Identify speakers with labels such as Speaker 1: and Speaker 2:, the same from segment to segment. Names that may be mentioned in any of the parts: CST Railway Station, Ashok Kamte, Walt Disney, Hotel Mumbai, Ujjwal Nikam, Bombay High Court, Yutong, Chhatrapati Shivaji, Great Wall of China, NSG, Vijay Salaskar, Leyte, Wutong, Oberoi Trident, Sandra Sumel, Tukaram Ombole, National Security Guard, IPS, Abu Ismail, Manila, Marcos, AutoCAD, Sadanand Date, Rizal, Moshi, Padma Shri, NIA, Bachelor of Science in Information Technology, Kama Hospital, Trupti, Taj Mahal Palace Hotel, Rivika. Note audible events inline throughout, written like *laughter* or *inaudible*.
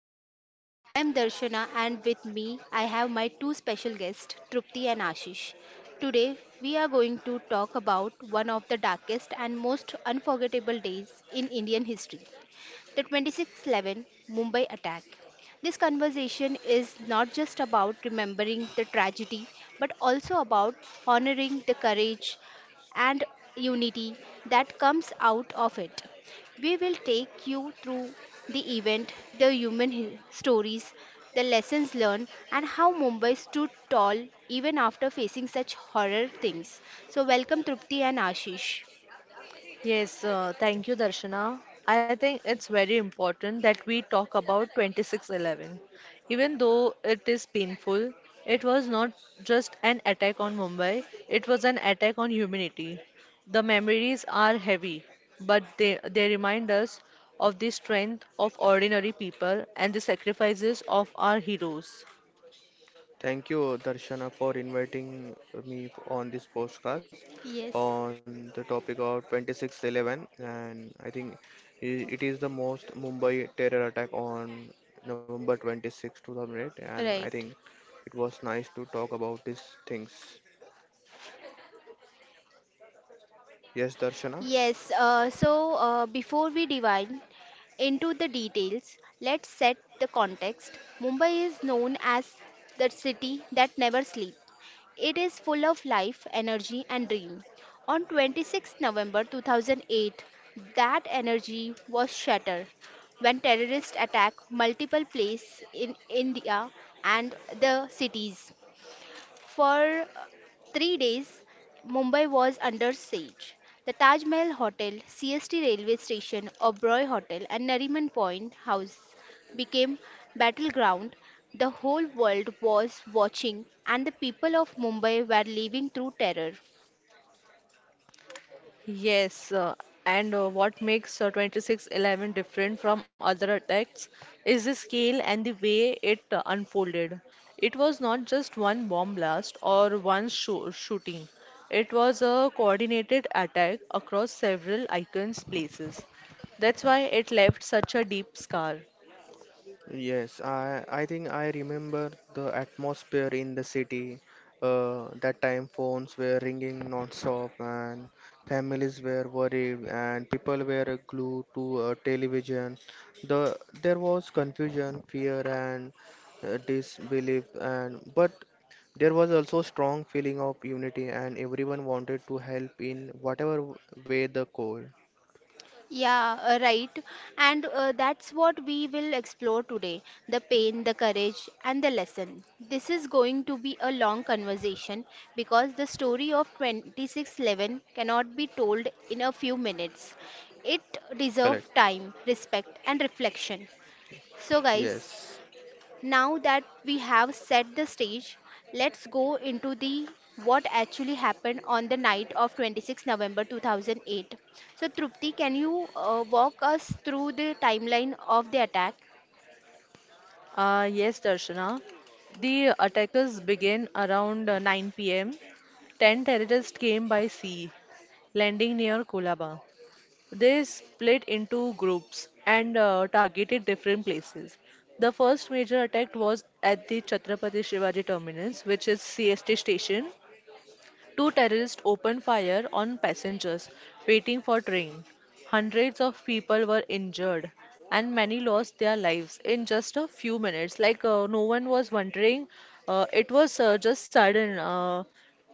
Speaker 1: podcast. I am Darshana and with me I have my two special guests, Trupti and Ashish. Today we are going to talk about one of the darkest and most unforgettable days in Indian history, the 26/11 Mumbai attack. This conversation is not just about remembering the tragedy but also about honoring the courage and unity that comes out of it. We will take you through the event, the human stories, the lessons learned, and how Mumbai stood tall even after facing such horror things. So, welcome Trupti and Ashish.
Speaker 2: Yes, thank you, Darshana. I think it's very important that we talk about 26/11. Even though it is painful, it was not just an attack on Mumbai, it was an attack on humanity. The memories are heavy, but they remind us of the strength of ordinary people and the sacrifices of our heroes.
Speaker 3: Thank you, Darshana, for inviting me on this podcast
Speaker 1: Yes,
Speaker 3: on the topic of 2611. And I think it is the most Mumbai terror attack on November 26, 2008. And I think
Speaker 1: right.
Speaker 3: it was nice to talk about these things. Yes, Darshana.
Speaker 1: Yes, so before we dive into the details, let's set the context. Mumbai is known as the city that never sleeps. It is full of life, energy, and dream. On 26 November 2008, that energy was shattered when terrorists attacked multiple places in India and the cities. For 3 days, Mumbai was under siege. The Taj Mahal Hotel, CST Railway Station, Oberoi Hotel, and Nariman Point House became battleground. The whole world was watching, and the people of Mumbai were living through terror.
Speaker 2: Yes, and what makes 26/11 different from other attacks is the scale and the way it unfolded. It was not just one bomb blast or one shooting. It was a coordinated attack across several icons places. That's why it left such a deep scar.
Speaker 3: Yes, I think I remember the atmosphere in the city. That time phones were ringing non-stop and families were worried and people were glued to television. The there was confusion, fear and disbelief and but there was also strong feeling of unity and everyone wanted to help in whatever way the could.
Speaker 1: Yeah, right. And that's what we will explore today: the pain, the courage, and the lesson. This is going to be a long conversation because the story of 26/11 cannot be told in a few minutes. It
Speaker 3: Correct.
Speaker 1: deserves time, respect, and reflection. So, guys,
Speaker 3: Yes.
Speaker 1: now that we have set the stage, let's go into the what actually happened on the night of 26 November 2008. So Trupti, can you walk us through the timeline of the attack?
Speaker 2: Yes, Darshana. The attackers began around 9 pm. 10 terrorists came by sea, landing near Colaba. They split into groups and targeted different places. The first major attack was at the Chhatrapati Shivaji terminus, which is CST station. Two terrorists opened fire on passengers waiting for train. Hundreds of people were injured and many lost their lives in just a few minutes. Like no one was wondering. It was just sudden.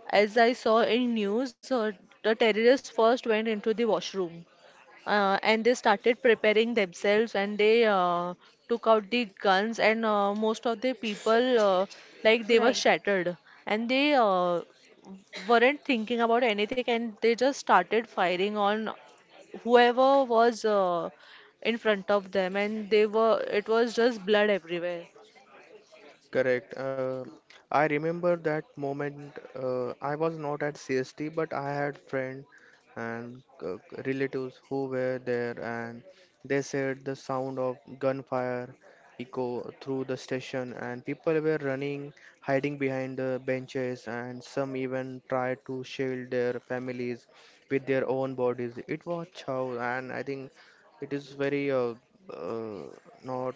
Speaker 2: As I saw in news, the terrorists first went into the washroom and they started preparing themselves and they took out the guns and most of the people like they were
Speaker 1: Right.
Speaker 2: shattered and they weren't thinking about anything and they just started firing on whoever was in front of them and they were it was just blood everywhere.
Speaker 3: Correct. I remember that moment. I was not at CST, but I had friends and relatives who were there, and they said the sound of gunfire echo through the station, and people were running, hiding behind the benches, and some even tried to shield their families with their own bodies. It was chaos, and I think it is very uh, not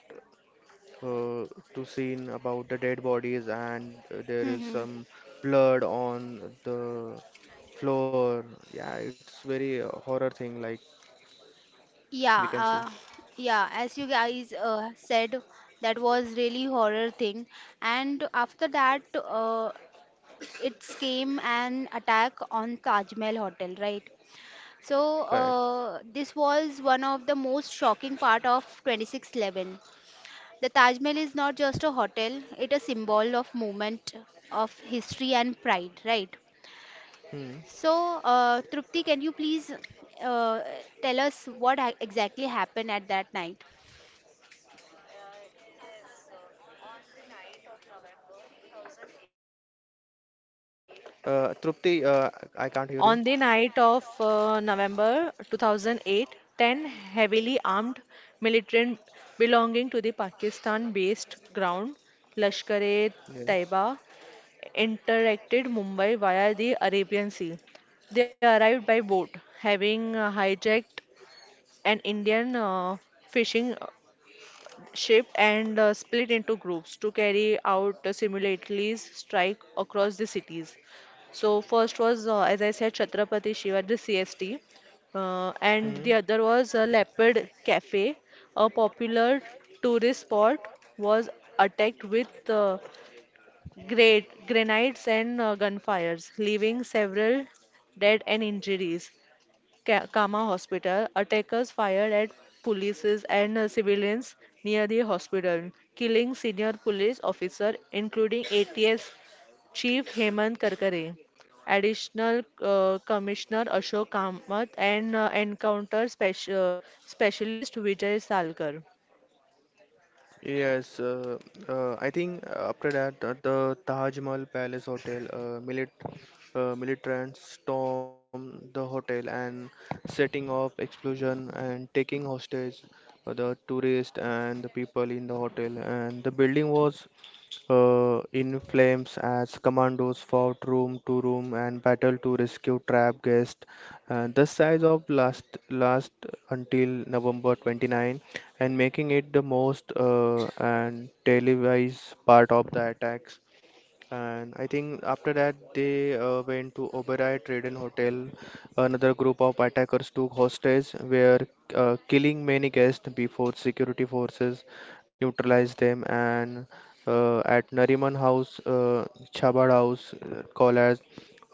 Speaker 3: uh, to scene about the dead bodies and there is
Speaker 1: Hmm.
Speaker 3: some blood on the floor. Yeah, it's very horror thing like we can
Speaker 1: Yeah,
Speaker 3: see.
Speaker 1: uh, yeah, as you guys said, that was really horror thing. And after that, it's came an attack on Taj Mahal Hotel, right? So
Speaker 3: Correct.
Speaker 1: this was one of the most shocking part of 26/11. The Taj Mahal is not just a hotel; it is a symbol of movement, of history and pride, right?
Speaker 3: Hmm.
Speaker 1: So Trupti, can you please uh, tell us what exactly happened at that night?
Speaker 3: Trupti, I can't hear you.
Speaker 2: On the night of November 2008, 10 heavily armed militant belonging to the Pakistan-based ground
Speaker 3: Yes.
Speaker 2: Lashkar-e-Taiba interacted Mumbai via the Arabian Sea. They arrived by boat, having hijacked an Indian fishing ship and split into groups to carry out a simultaneous strike across the cities. So first was, as I said, Chhatrapati Shivaji CST,
Speaker 3: Hmm.
Speaker 2: and the other was Leopard Cafe, a popular tourist spot, was attacked with great grenades and gunfires, leaving several dead and injuries. Kama Hospital, attackers fired at polices and civilians near the hospital, killing senior police officer including ATS Chief Hemant Karkare. Additional Commissioner Ashok Kamath and Encounter Specialist Vijay Salkar.
Speaker 3: Yes, uh, I think after that the Taj Mahal Palace Hotel, Militrant storm the hotel and setting off explosion and taking hostage the tourists and the people in the hotel and the building was in flames as commandos fought room to room and battled to rescue trapped guests. The siege of last until November 29 and making it the most and televised part of the attacks. And I think after that, they went to Oberoi Traden Hotel. Another group of attackers took hostage, were killing many guests before security forces neutralized them. And at Nariman House, Chabad House, called as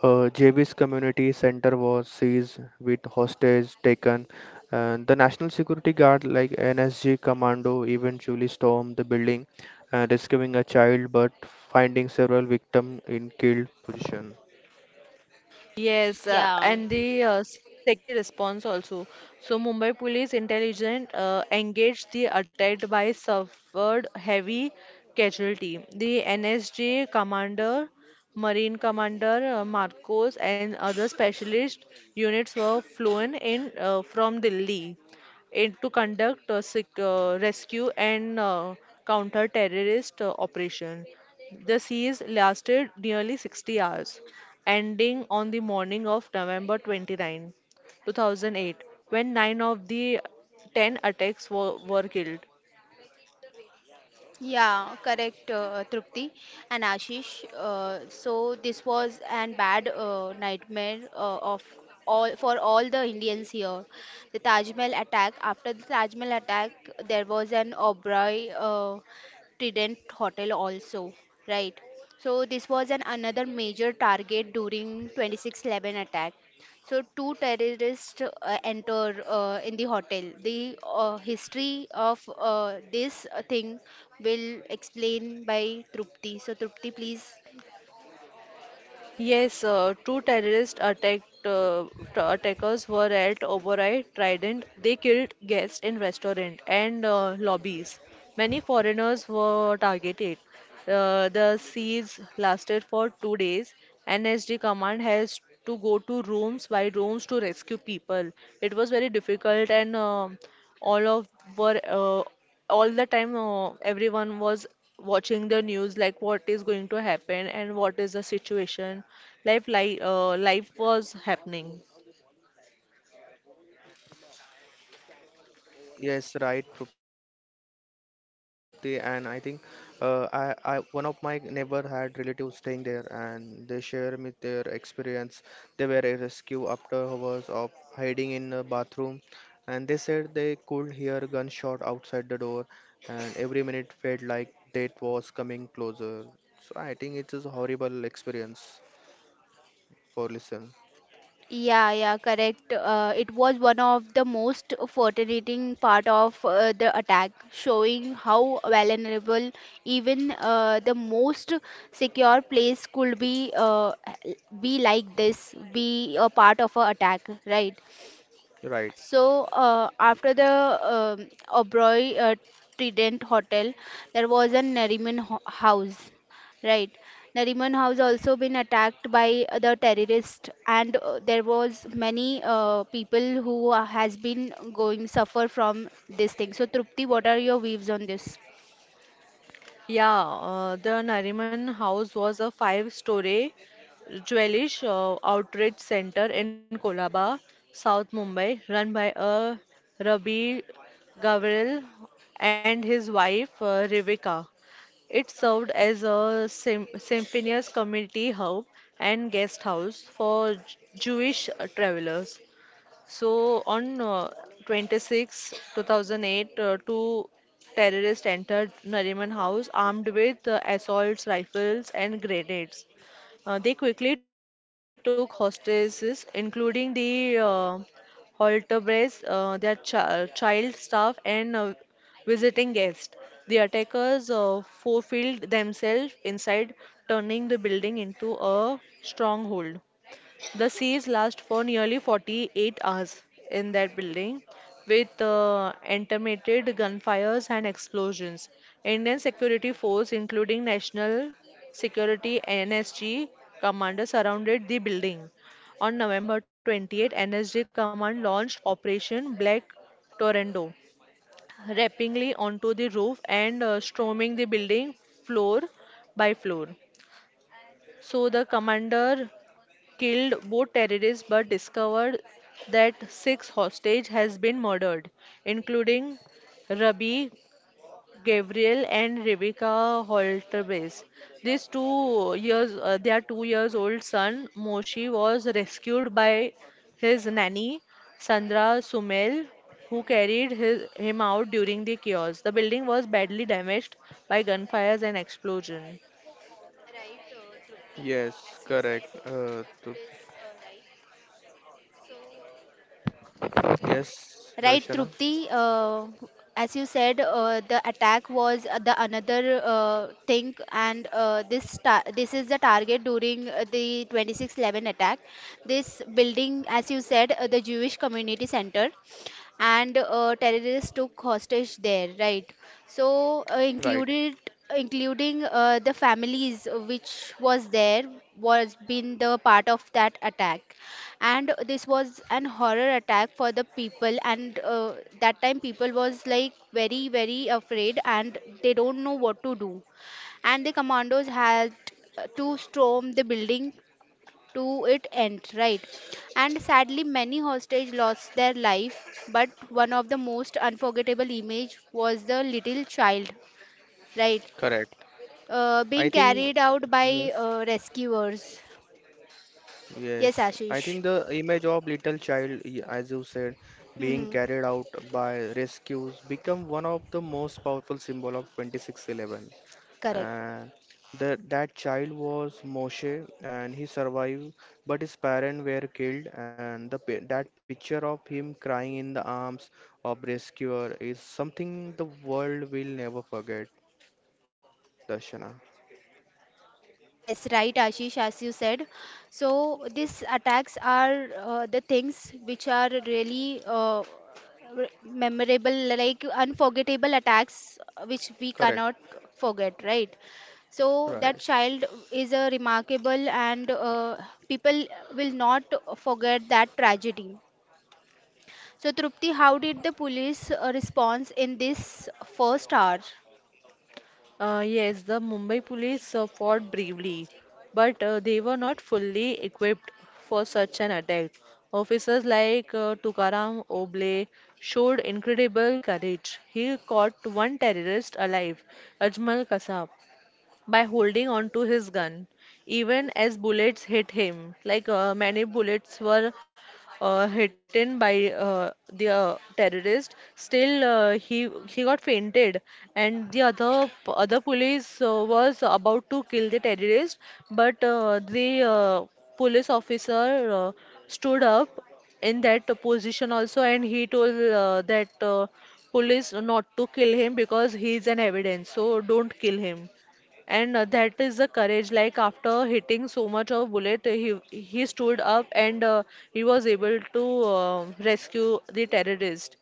Speaker 3: JB's Community Center, was seized with hostage taken. And the National Security Guard, like NSG Commando, eventually stormed the building rescuing a child but finding several victims in killed position.
Speaker 2: Yes,
Speaker 1: Yeah,
Speaker 2: and the security response also. So Mumbai police intelligence engaged the attack by suffered heavy casualty. The NSG commander, Marine commander Marcos, and other specialist units were flown in from Delhi and to conduct rescue and counter terrorist operation. The siege lasted nearly 60 hours, ending on the morning of November 29, 2008, when nine of the 10 attacks were killed.
Speaker 1: yeah, correct, Trupti and Ashish. So this was an bad nightmare of all for all the Indians here. The Taj Mahal attack. After the Taj Mahal attack, there was an Oberoi Trident Hotel also, right? So this was an another major target during 26/11 attack. So two terrorists enter in the hotel. The history of this thing will explain by Trupti. So Trupti, please.
Speaker 2: Yes, two terrorist attack, t- attackers were at Oberoi Trident. They killed guests in restaurant and lobbies. Many foreigners were targeted. The siege lasted for 2 days. NSD command has to go to rooms by rooms to rescue people. It was very difficult, and all of were all the time, everyone was watching the news like what is going to happen and what is the situation. Life was happening.
Speaker 3: Yes, right, Trupti, and I think I one of my neighbor had relatives staying there, and they share me their experience. They were rescued after hours of hiding in the bathroom, and they said they could hear gunshot outside the door, and every minute felt like death was coming closer. So I think it is a horrible experience for listen.
Speaker 1: Yeah, yeah, correct. It was one of the most fascinating part of the attack, showing how vulnerable even the most secure place could be like this, be a part of a attack, right?
Speaker 3: Right.
Speaker 1: So after the um Oberoi Trident Hotel, there was a Nariman house, right? Nariman house also been attacked by the terrorist, and there was many people who has been going suffer from this thing. So Trupti, what are your views on this?
Speaker 2: Yeah, the Nariman House was a five-story Jewish Outreach Center in Kolaba, South Mumbai, run by a Rabbi Gavril and his wife, Rivika. It served as a symphonious community hub and guest house for Jewish travelers. So on 26, 2008, two terrorists entered Nariman House armed with assault rifles and grenades. They quickly took hostages, including the Holterbres, their child staff, and visiting guests. The attackers faufiled themselves inside, turning the building into a stronghold. The siege lasted for nearly 48 hours in that building with intermittent gunfires and explosions. Indian security force, including National Security NSG commander, surrounded the building. On November 28, NSG command launched Operation Black Tornado, rappingly onto the roof and storming the building floor by floor. So the commander killed both terrorists but discovered that six hostage has been murdered, including Rabbi Gabriel and Rebecca Holterbase. Their 2 years old son Moshi was rescued by his nanny Sandra Sumel, who carried him out during the chaos. The building was badly damaged by gunfires and explosion.
Speaker 3: Yes, correct. Yes,
Speaker 1: Right,
Speaker 3: Darshana.
Speaker 1: Trupti. As you said, the attack was the another thing, and this is the target during the 26/11 attack. This building, as you said, the Jewish community center, and terrorists took hostage there, right? So
Speaker 3: Right,
Speaker 1: included including the families which was there was been the part of that attack, and this was an horror attack for the people, and that time people was like very very afraid and they don't know what to do, and the commandos had to storm the building to it end, right? And sadly many hostage lost their life, but one of the most unforgettable image was the little child, right,
Speaker 3: correct.
Speaker 1: being
Speaker 3: I think
Speaker 1: carried out by
Speaker 3: yes,
Speaker 1: rescuers. Yes,
Speaker 3: yes. I think
Speaker 1: Ashish.
Speaker 3: the image of little child, as you said, being
Speaker 1: Hmm.
Speaker 3: carried out by rescues, become one of the most powerful symbol of 2611.
Speaker 1: Correct.
Speaker 3: And that child was Moshe and he survived, but his parents were killed and that picture of him crying in the arms of rescuer is something the world will never forget, Darshana.
Speaker 1: Yes, right, Ashish, as you said. So these attacks are the things which are really memorable, like unforgettable attacks, which we
Speaker 3: Correct.
Speaker 1: cannot forget, right? So that
Speaker 3: Right.
Speaker 1: child is a remarkable, and people will not forget that tragedy. So Trupti, how did the police response in this first hour?
Speaker 2: Yes, the Mumbai police fought bravely, but they were not fully equipped for such an attack. Officers like Tukaram Oble showed incredible courage. He caught one terrorist alive, Ajmal Kasab, by holding on to his gun, even as bullets hit him. Like many bullets were hidden by the terrorist, still he got fainted, and the other police was about to kill the terrorist, but the police officer stood up in that position also, and he told that. Police not to kill him because he is an evidence, so don't kill him. And that is the courage, like after hitting so much of bullet he stood up and he was able to rescue the terrorist,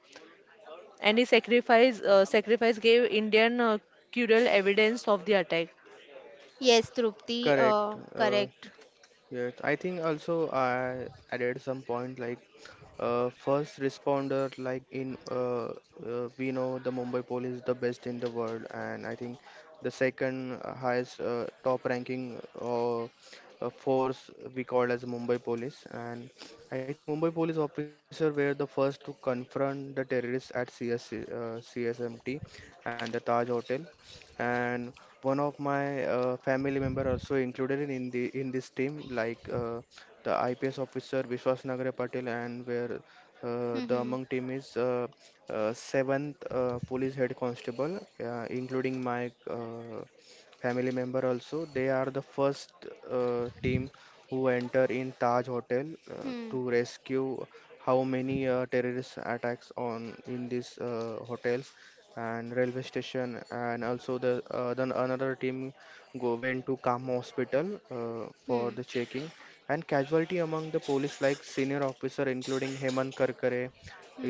Speaker 2: and his sacrifice gave Indian cruel evidence of the attack.
Speaker 1: Yes, Trupti,
Speaker 3: Correct.
Speaker 1: correct.
Speaker 3: Yes, I think also I added some point like first responder like in we know the Mumbai police the best in the world and I think the second highest top ranking force we call as Mumbai police. And I think Mumbai police officer were the first to confront the terrorists at CSMT and the Taj Hotel, and one of my family member also included in this team, like the IPS officer Vishwas Nagare Patil, and where the
Speaker 1: Hmm.
Speaker 3: among team is seventh police head constable including my family member also, they are the first team who enter in Taj Hotel
Speaker 1: Hmm.
Speaker 3: to rescue how many terrorist attacks on in these hotels and railway station. And also, the then another team go went to Kama hospital
Speaker 1: Hmm.
Speaker 3: for
Speaker 1: Hmm.
Speaker 3: the checking. And casualty among the police like senior officer including Hemant Karkare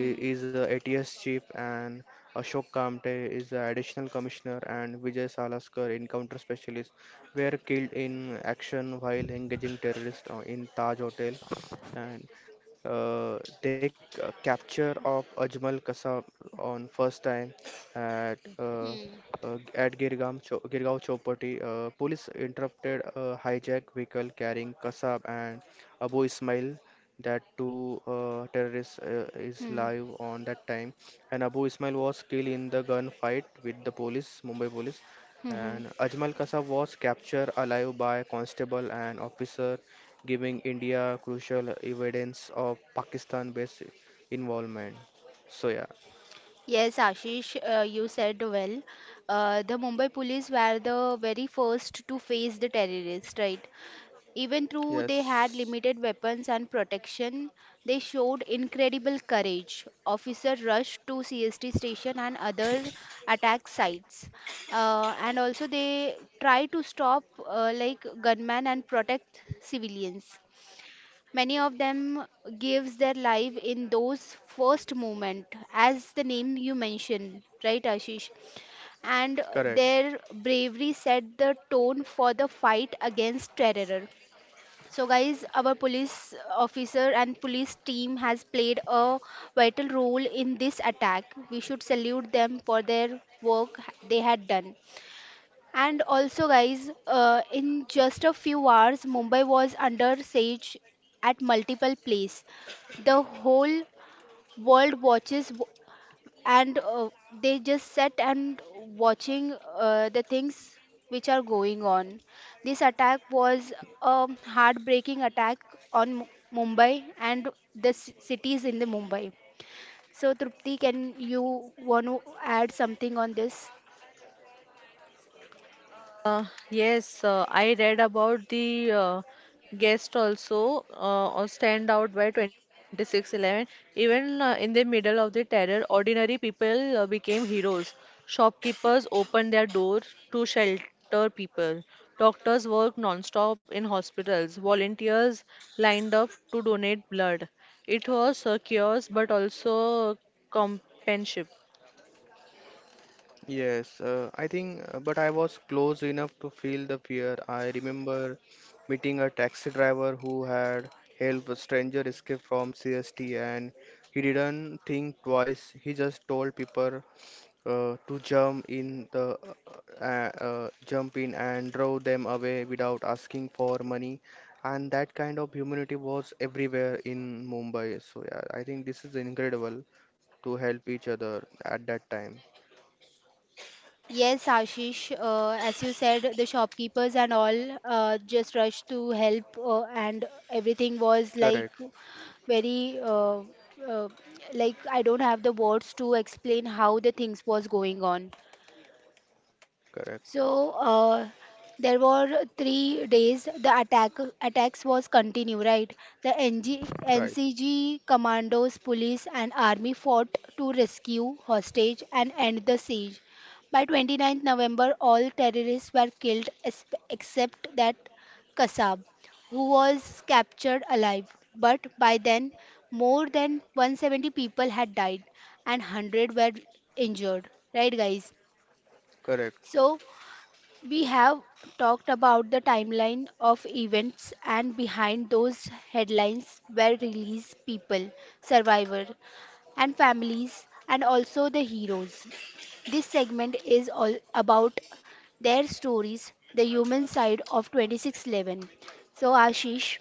Speaker 3: i- is uh, a ATS chief, and Ashok Kamte is the additional commissioner, and Vijay Salaskar encounter specialist were killed in action while engaging terrorists in Taj Hotel. And capture of Ajmal Kasab on first time at uh,
Speaker 1: Hmm.
Speaker 3: at Girgaon Chowpatty, police interrupted a hijacked vehicle carrying Kasab and Abu Ismail. That two terrorists is
Speaker 1: Hmm.
Speaker 3: live on that time, and Abu Ismail was killed in the gunfight with the police, Mumbai police,
Speaker 1: Hmm. Hmm.
Speaker 3: and Ajmal Kasab was captured alive by constable and officer, giving India crucial evidence of Pakistan-based involvement. So yeah,
Speaker 1: Yes, Ashish, you said well. The Mumbai police were the very first to face the terrorists, right? Even though they had
Speaker 3: yes.
Speaker 1: limited weapons and protection, they showed incredible courage. Officers rushed to CST station and other attack sites, and also they try to stop like gunmen and protect civilians. Many of them gives their life in those first moment, as the name you mentioned, right, Ashish? And
Speaker 3: Correct.
Speaker 1: their bravery set the tone for the fight against terror. So, guys, our police officer and police team has played a vital role in this attack. We should salute them for their work they had done. And also, guys, in just a few hours, Mumbai was under siege at multiple places. The whole world watches and they just sit and watching the things which are going on. This attack was a heartbreaking attack on Mumbai and the cities in the Mumbai. So, Trupti, can you want to add something on this?
Speaker 2: Uh, yes, I read about the guest also or stand out by 26/11. Even in the middle of the terror, ordinary people became heroes. Shopkeepers opened their door to shelter people. Doctors worked non-stop in hospitals. Volunteers lined up to donate blood. It was chaos but also companionship.
Speaker 3: Yes, but I was close enough to feel the fear. I remember meeting a taxi driver who had helped a stranger escape from CST, and he didn't think twice. He just told people to jump in and drove them away without asking for money. And that kind of humanity was everywhere in Mumbai. So yeah, I think this is incredible to help each other at that time.
Speaker 1: Yes, Ashish, as you said, the shopkeepers and all just rushed to help, and everything was like
Speaker 3: Correct.
Speaker 1: very uh, like I don't have the words to explain how the things was going on.
Speaker 3: Correct,
Speaker 1: So there were 3 days. The attacks was continue, right? The N G N
Speaker 3: right,
Speaker 1: C G commandos, police, and army fought to rescue hostage and end the siege. By twenty ninth November, all terrorists were killed except that Kassab, who was captured alive. But by then, more than 170 people had died and 100 were injured. Right, guys?
Speaker 3: correct.
Speaker 1: So we have talked about the timeline of events and behind those headlines were release people, survivor and families and also the heroes. This segment is all about their stories, the human side of 26/11. So Ashish,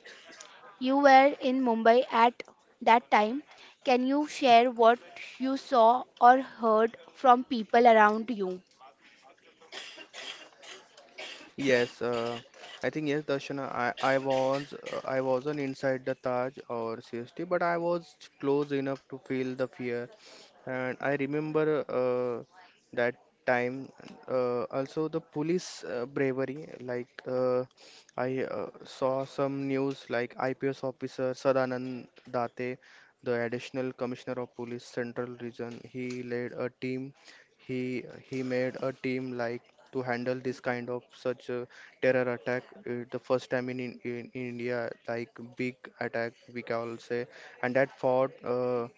Speaker 1: you were in Mumbai at that time. Can you share what you saw or heard from people around you?
Speaker 3: Yes, uh, I think yes, Darshana. I was I wasn't inside the Taj or CST, but I was close enough to feel the fear, and I remember uh, that time. Also, the police bravery. Like uh, I saw some news, like IPS officer Sadanand Date, the additional commissioner of police Central Region. He he made a team like to handle this kind of such a terror attack, the first time in in India, like big attack we can say. And that fought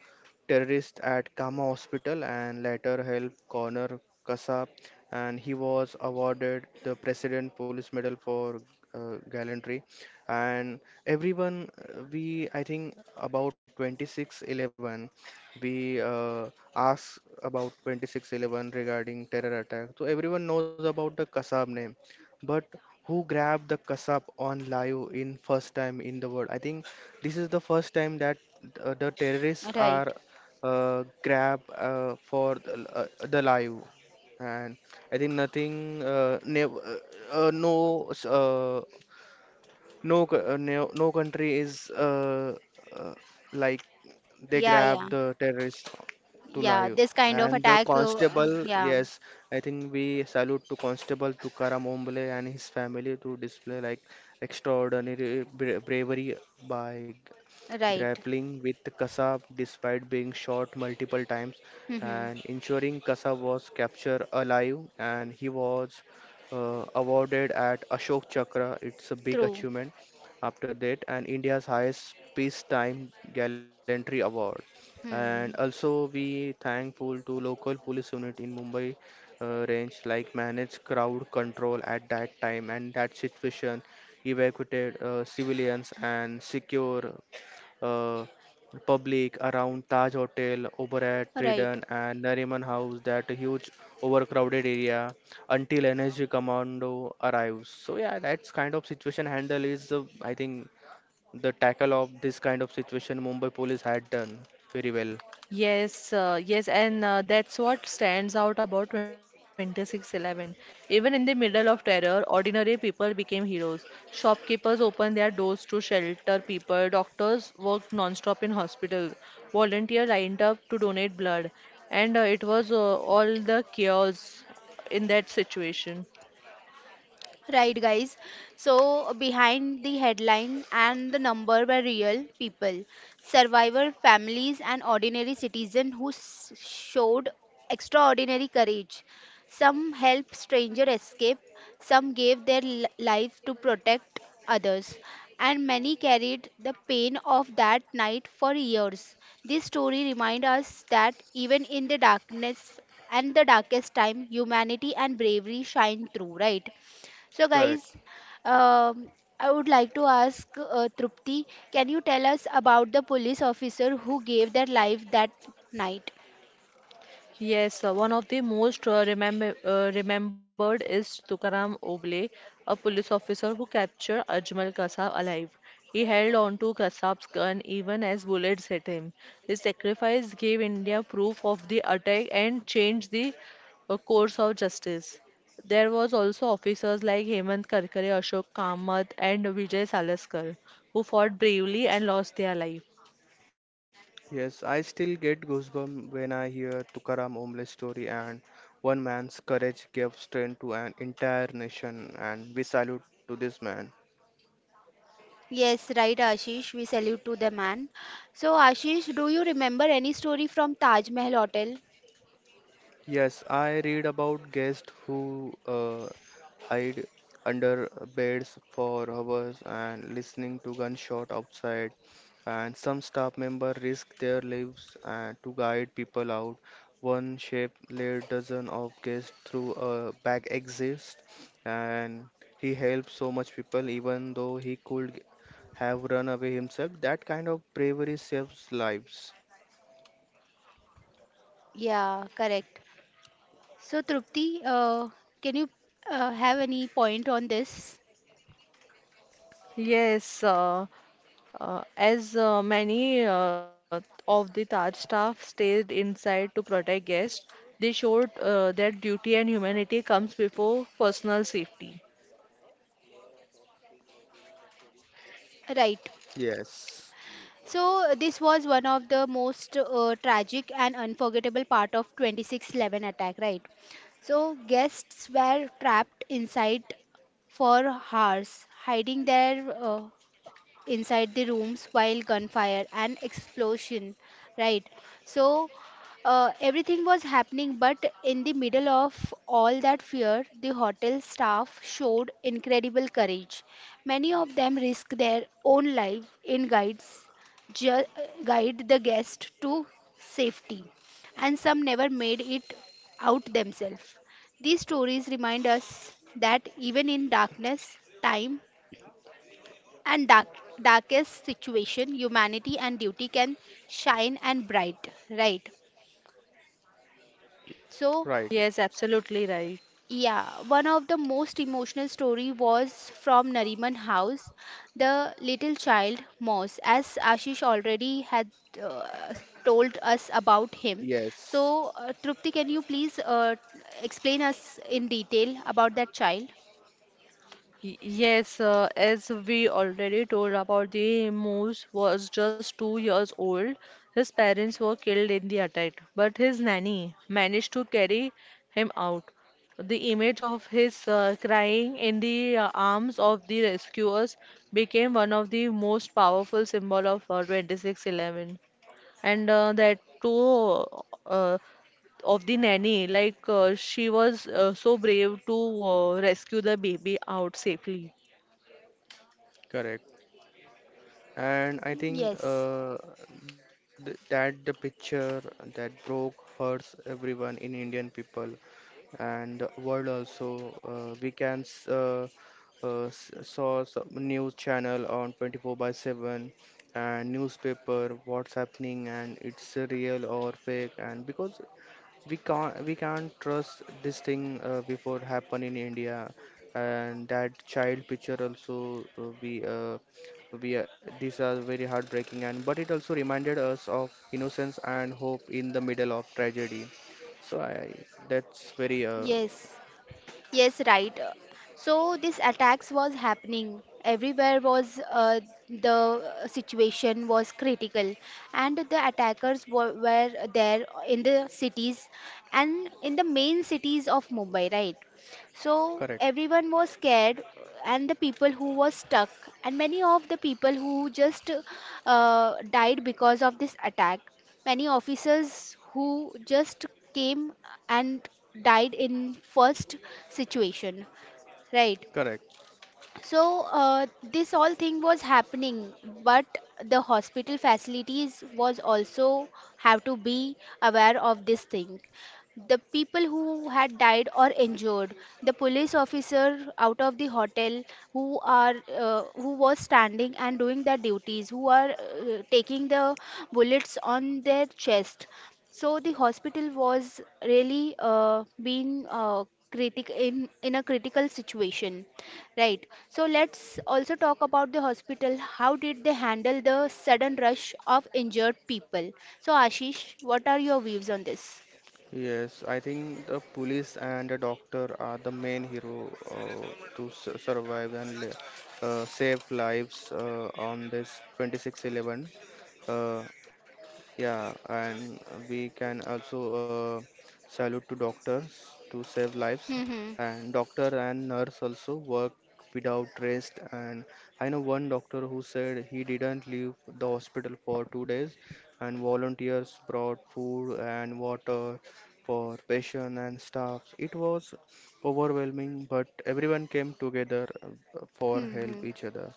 Speaker 3: terrorist at Kama Hospital and later helped corner Kassab, and he was awarded the President Police Medal for gallantry. And everyone, we I think, about 2611, we asked about 2611 regarding terror attack. So everyone knows about the Kasab name, but who grabbed the Kasab on live in first time in the world? I think this is the first time that the terrorists
Speaker 1: Right.
Speaker 3: are grab for the live, and I think nothing, never, no no, co- no, no country is uh, like they
Speaker 1: Yeah,
Speaker 3: grab
Speaker 1: yeah.
Speaker 3: the terrorist to
Speaker 1: Yeah,
Speaker 3: lie.
Speaker 1: this kind of
Speaker 3: And the
Speaker 1: attack.
Speaker 3: constable,
Speaker 1: Yeah,
Speaker 3: yes, I think we salute to Constable Tukaram Ombole and his family to display like extraordinary bravery by
Speaker 1: right.
Speaker 3: grappling with Kasab despite being shot multiple times
Speaker 1: Mm-hmm.
Speaker 3: and ensuring Kasab was captured alive, and he was awarded at Ashok Chakra. It's a big
Speaker 1: True.
Speaker 3: achievement after that, and India's highest peacetime gallantry award. And
Speaker 1: Hmm.
Speaker 3: also, we thankful to local police unit in Mumbai range, like managed crowd control at that time and that situation, evacuated civilians and secure uh, public around Taj Hotel, over at
Speaker 1: Right.
Speaker 3: Trident and Nariman House, that huge overcrowded area until energy commando arrives. So yeah, that's kind of situation handle is I think the tackle of this kind of situation Mumbai police had done very well.
Speaker 2: Yes, yes, and that's what stands out about 26/11. Even in the middle of terror, ordinary people became heroes. Shopkeepers opened their doors to shelter people, doctors worked non-stop in hospitals, volunteers lined up to donate blood, and it was all the chaos in that situation.
Speaker 1: Right, guys. So behind the headline and the number were real people, survivor families and ordinary citizens who showed extraordinary courage. Some helped stranger escape. Some gave their lives to protect others, and many carried the pain of that night for years. This story reminds us that even in the darkness and the darkest time, humanity and bravery shine through, right? So, guys,
Speaker 3: Correct.
Speaker 1: um, I would like to ask Trupti, can you tell us about the police officer who gave their life that night?
Speaker 2: Yes, one of the most remembered is Tukaram Oble, a police officer who captured Ajmal Kasab alive. He held on to Kasab's gun even as bullets hit him. His sacrifice gave India proof of the attack and changed the course of justice. There was also officers like Hemant Karkare, Ashok Kamath, and Vijay Salaskar who fought bravely and lost their life.
Speaker 3: Yes, I still get goosebumps when I hear Tukaram Omle's story, and one man's courage gave strength to an entire nation, and we salute to this man.
Speaker 1: Yes, right, Ashish. We salute to the man. So, Ashish, do you remember any story from Taj Mahal Hotel?
Speaker 3: Yes, I read about guests who hide under beds for hours and listening to gunshot outside, and some staff members risk their lives and to guide people out. One chef led dozen of guests through a back exit, and he helped so much people, even though he could have run away himself. That kind of bravery saves lives.
Speaker 1: Yeah, correct. So, Trupti, can you have any point on this?
Speaker 2: Yes, as many of the Taj staff stayed inside to protect guests, they showed that duty and humanity comes before personal safety.
Speaker 1: Right.
Speaker 3: Yes,
Speaker 1: So, this was one of the most tragic and unforgettable part of 26/11 attack, right? So, guests were trapped inside for hours, hiding their inside the rooms while gunfire and explosion, right? So everything was happening, but in the middle of all that fear, the hotel staff showed incredible courage. Many of them risked their own life in guides, ju- guide the guest to safety, and some never made it out themselves. These stories remind us that even in darkness time and darkest situation, humanity and duty can shine and bright, right? So
Speaker 3: right.
Speaker 2: Yes, absolutely right.
Speaker 1: yeah, one of the most emotional story was from Nariman house, the little child Moss, as Ashish already had uh, told us about him.
Speaker 3: Yes,
Speaker 1: So Trupti, can you please explain us in detail about that child?
Speaker 2: Yes, as we already told about the Moose was just 2 years old. His parents were killed in the attack, but his nanny managed to carry him out. The image of his crying in the arms of the rescuers became one of the most powerful symbol of 26/11. And that too uh, of the nanny, like she was so brave to rescue the baby out safely.
Speaker 3: correct. And I think
Speaker 1: Yes.
Speaker 3: th that the picture that broke hurts everyone in Indian people and the world also. We can saw some news channel on 24 by 7 and newspaper what's happening, and it's real or fake, and because we can't trust this thing before happen in India. And that child picture also, we these are very heartbreaking, and but it also reminded us of innocence and hope in the middle of tragedy. So I that's very
Speaker 1: Yes. Yes, right. So this attacks was happening everywhere, was the situation was critical, and the attackers were there in the cities and in the main cities of Mumbai, right? So
Speaker 3: correct.
Speaker 1: everyone was scared and the people who were stuck and many of the people who just died because of this attack. Many officers who just came and died in first situation, right?
Speaker 3: Correct.
Speaker 1: So this all thing was happening, but the hospital facilities was also have to be aware of this thing. The people who had died or injured, the police officer out of the hotel, who are who was standing and doing their duties, who are taking the bullets on their chest. So the hospital was really being critic in a critical situation. Right. So let's also talk about the hospital. How did they handle the sudden rush of injured people? So, Ashish, what are your views on this?
Speaker 3: Yes, I think the police and the doctor are the main hero to su survive and li save lives on this 26/11. Uh, yeah, and we can also salute to doctors to save lives,
Speaker 1: Mm-hmm.
Speaker 3: and doctor and nurse also work without rest. And I know one doctor who said he didn't leave the hospital for 2 days, and volunteers brought food and water for patient and staff. It was overwhelming, but everyone came together for help
Speaker 1: Mm-hmm.
Speaker 3: each other.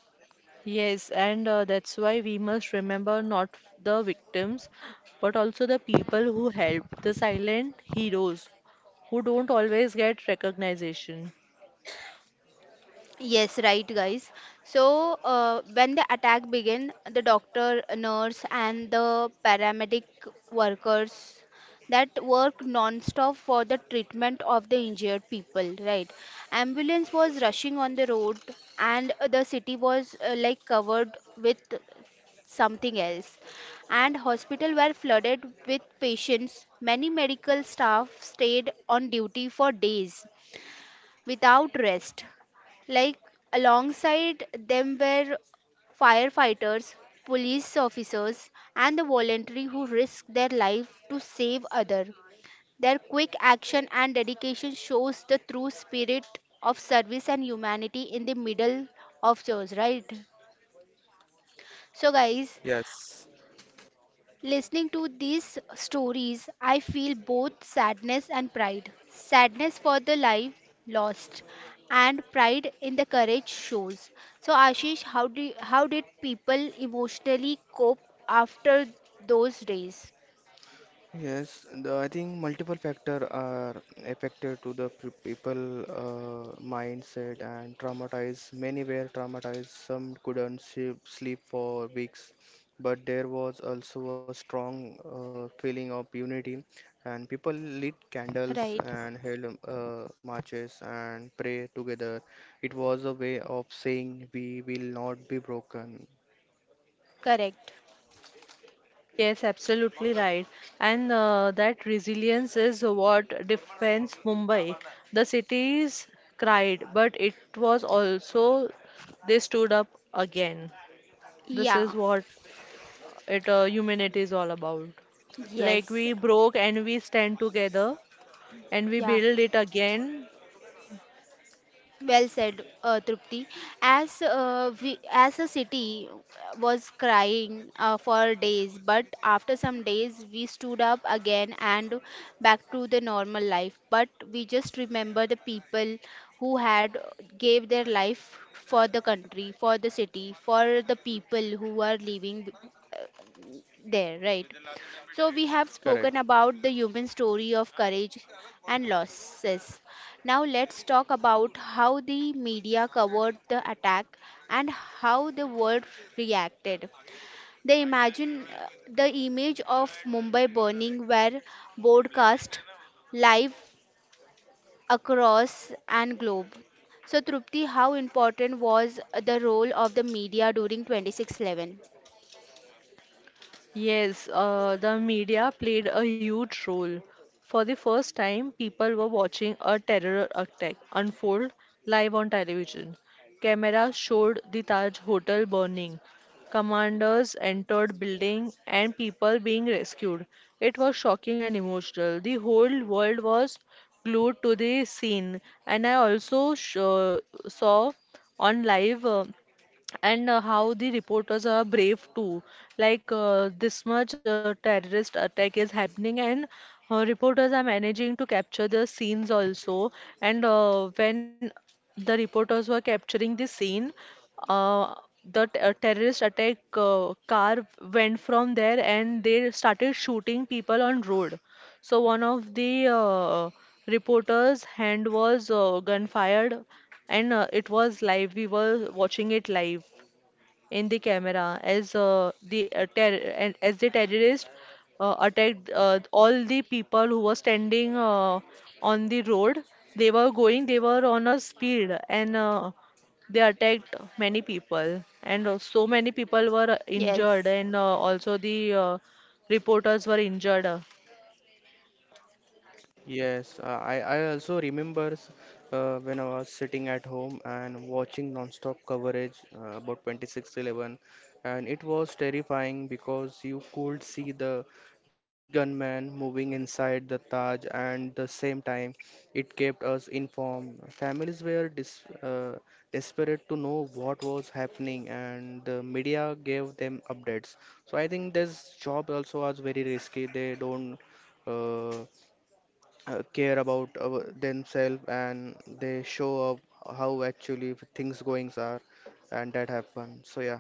Speaker 2: Yes, and that's why we must remember not the victims, but also the people who help, the silent heroes who don't always get recognition.
Speaker 1: Yes, right, guys. So, when the attack began, the doctor, nurse, and the paramedic workers that worked non-stop for the treatment of the injured people, right? Ambulance was rushing on the road, and the city was like covered with something else. And hospitals were flooded with patients. Many medical staff stayed on duty for days without rest. Like Alongside them were firefighters, police officers, and the voluntary who risk their life to save others. Their quick action and dedication shows the true spirit of service and humanity in the middle of chores, right? So guys,
Speaker 3: Yes.
Speaker 1: listening to these stories, I feel both sadness and pride. Sadness for the life lost and pride in the courage shows. So Ashish, how did people emotionally cope after those days?
Speaker 3: Yes, I think multiple factors are affected to the people mindset and traumatized. Many were traumatized. Some couldn't sleep for weeks, but there was also a strong feeling of unity, and people lit candles
Speaker 1: Right,
Speaker 3: and held marches and pray together. It was a way of saying we will not be broken.
Speaker 1: correct.
Speaker 2: Yes, absolutely right. And that resilience is what defends Mumbai. The cities cried, but it was also they stood up again. This
Speaker 1: Yeah.
Speaker 2: is what it humanity is all about. Like
Speaker 1: Yes,
Speaker 2: we broke and we stand together. And we
Speaker 1: yeah.
Speaker 2: build it again.
Speaker 1: Well said, Trupti. As a city was crying for days, but after some days we stood up again and back to the normal life. But we just remember the people who had gave their life for the country, for the city, for the people who are living there, right? So, we have
Speaker 3: Correct.
Speaker 1: spoken about the human story of courage and losses. Now, let's talk about how the media covered the attack and how the world reacted. The image of Mumbai burning were broadcast live across and globe. So, Trupti, how important was the role of the media during 26/11?
Speaker 2: Yes, the media played a huge role. For the first time, people were watching a terror attack unfold live on television. Cameras showed the Taj Hotel burning, commanders entered building, and people being rescued. It was shocking and emotional. The whole world was glued to the scene, and I also saw on live. And how the reporters are brave too. Like this much terrorist attack is happening, and reporters are managing to capture the scenes also. And when the reporters were capturing the scene, uh, the terrorist attack car went from there, and they started shooting people on road. So one of the reporter's hand was gunfired, and it was live. We were watching it live in the camera as the terrorist attacked all the people who were standing on the road. They were going. They were on a speed, and they attacked many people, and so many people were injured,
Speaker 1: Yes.
Speaker 2: and also the reporters were injured.
Speaker 3: Yes, I also remembers when I was sitting at home and watching non-stop coverage about 26/11, and it was terrifying because you could see the gunman moving inside the Taj, and the same time, it kept us informed. Families were dis desperate to know what was happening, and the media gave them updates. So I think this job also was very risky. They don't. Uh, Care about our, themselves and they show up how actually things goings are and that happen so yeah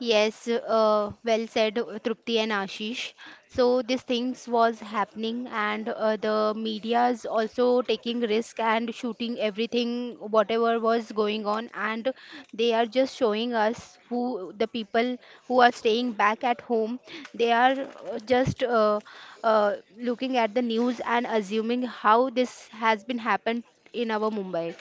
Speaker 1: Yes, well said, Trupti and Ashish. So these things was happening, and the media is also taking risk and shooting everything, whatever was going on, and they are just showing us who the people who are staying back at home. They are just looking at the news and assuming how this has been happened in our Mumbai,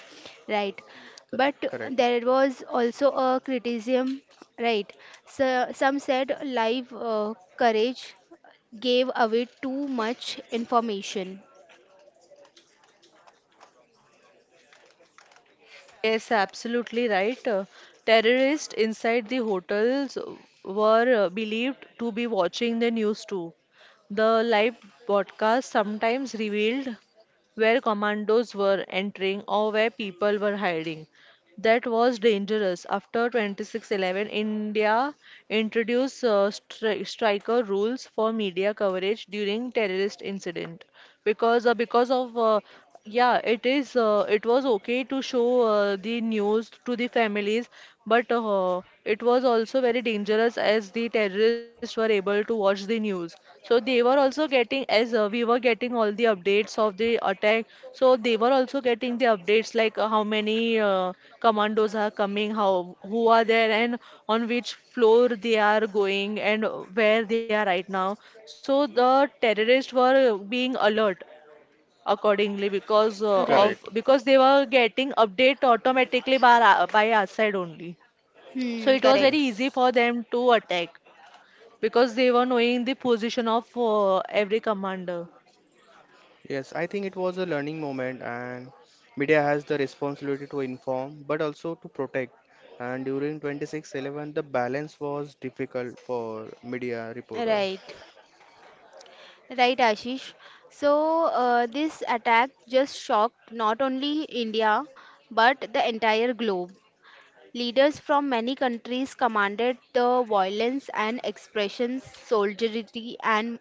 Speaker 1: right?
Speaker 3: cor-
Speaker 1: But
Speaker 3: correct,
Speaker 1: there was also a criticism, right? So some said live courage gave away too much information.
Speaker 2: Yes, absolutely right. Terrorists inside the hotels were believed to be watching the news too. The live broadcast sometimes revealed where commandos were entering or where people were hiding. That was dangerous. After 26/11, India introduced striker rules for media coverage during terrorist incident, because of yeah, it was okay to show the news to the families, but it was also very dangerous as the terrorists were able to watch the news. So they were also getting, as we were getting all the updates of the attack, so they were also getting the updates like how many uh, commandos are coming, how who are there, and on which floor they are going, and where they are right now. So the terrorists were being alert accordingly because uh,
Speaker 3: correct.
Speaker 1: Right.
Speaker 2: of because they were getting update automatically by, by our side only. So
Speaker 1: Hmm,
Speaker 2: it was very
Speaker 1: correct.
Speaker 3: Yes,
Speaker 2: easy for them to attack because they were knowing the position of every commander.
Speaker 3: yes, I think it was a learning moment, and media has the responsibility to inform but also to protect, and during 2611 the balance was difficult for media reporter.
Speaker 1: Right, right, Ashish. So, this attack just shocked not only India but the entire globe. Leaders from many countries commanded the violence and expressions, solidarity, and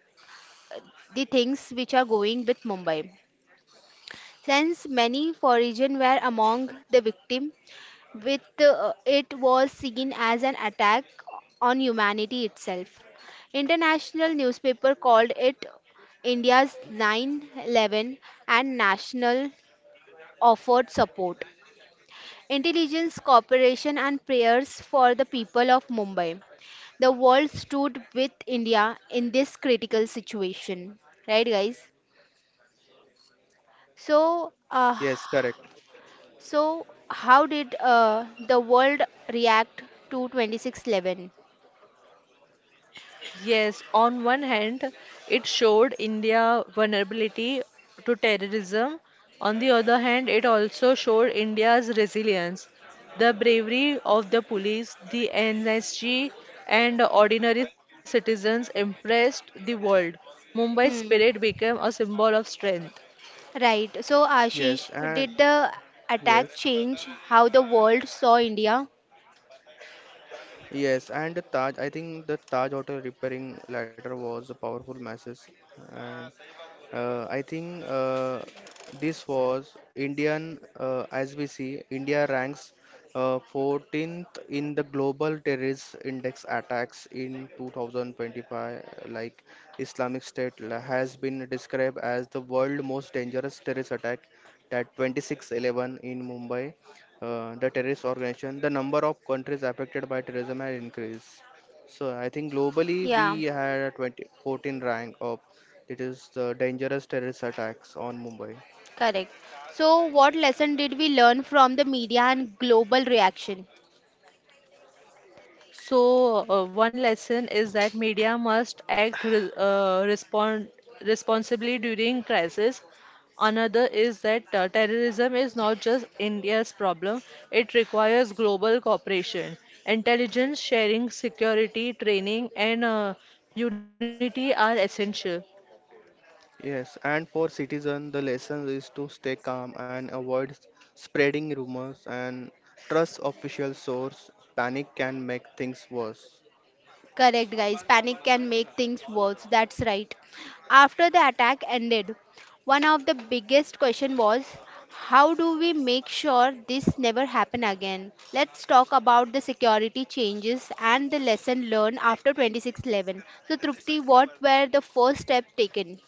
Speaker 1: the things which are going with Mumbai. Since many foreigners were among the victims, with it was seen as an attack on humanity itself. International newspaper called it India's 9/11 and national offered support. Intelligence cooperation and prayers for the people of Mumbai. The world stood with India in this critical situation. Right guys? So uh,
Speaker 3: Yes, correct.
Speaker 1: So, how did the world react to 26/11?
Speaker 2: Yes, on one hand, it showed India vulnerability to terrorism. On the other hand, it also showed India's resilience, the bravery of the police, the NSG, and ordinary citizens impressed the world. Mumbai's spirit
Speaker 1: Hmm.
Speaker 2: became a symbol of strength.
Speaker 1: Right. So,
Speaker 3: Yes,
Speaker 1: Ashish,
Speaker 3: and
Speaker 1: did the attack
Speaker 3: yes.
Speaker 1: change how the world saw India?
Speaker 3: Yes, and the Taj, I think the Taj Hotel repairing ladder was a powerful message, and I think this was Indian, as we see, India ranks 14th in the Global Terrorist Index attacks in 2025. Like Islamic State has been described as the world most dangerous terrorist attack at 26/11 in Mumbai. The terrorist organization, the number of countries affected by terrorism has increased. So I think globally
Speaker 1: Yeah,
Speaker 3: we had a 20, 14 rank of it is the dangerous terrorist attacks on Mumbai.
Speaker 1: correct. So, what lesson did we learn from the media and global reaction?
Speaker 2: One lesson is that media must act re respond responsibly during crisis. Another is that terrorism is not just India's problem; it requires global cooperation. Intelligence sharing, security, training, and unity are essential.
Speaker 3: Yes, and for citizens, the lesson is to stay calm and avoid spreading rumors and trust official source. Panic can make things worse.
Speaker 1: Correct, guys. Panic can make things worse. That's right. After the attack ended, one of the biggest question was how do we make sure this never happen again? Let's talk about the security changes and the lesson learned after 26/11. So Trupti, what were the first steps taken?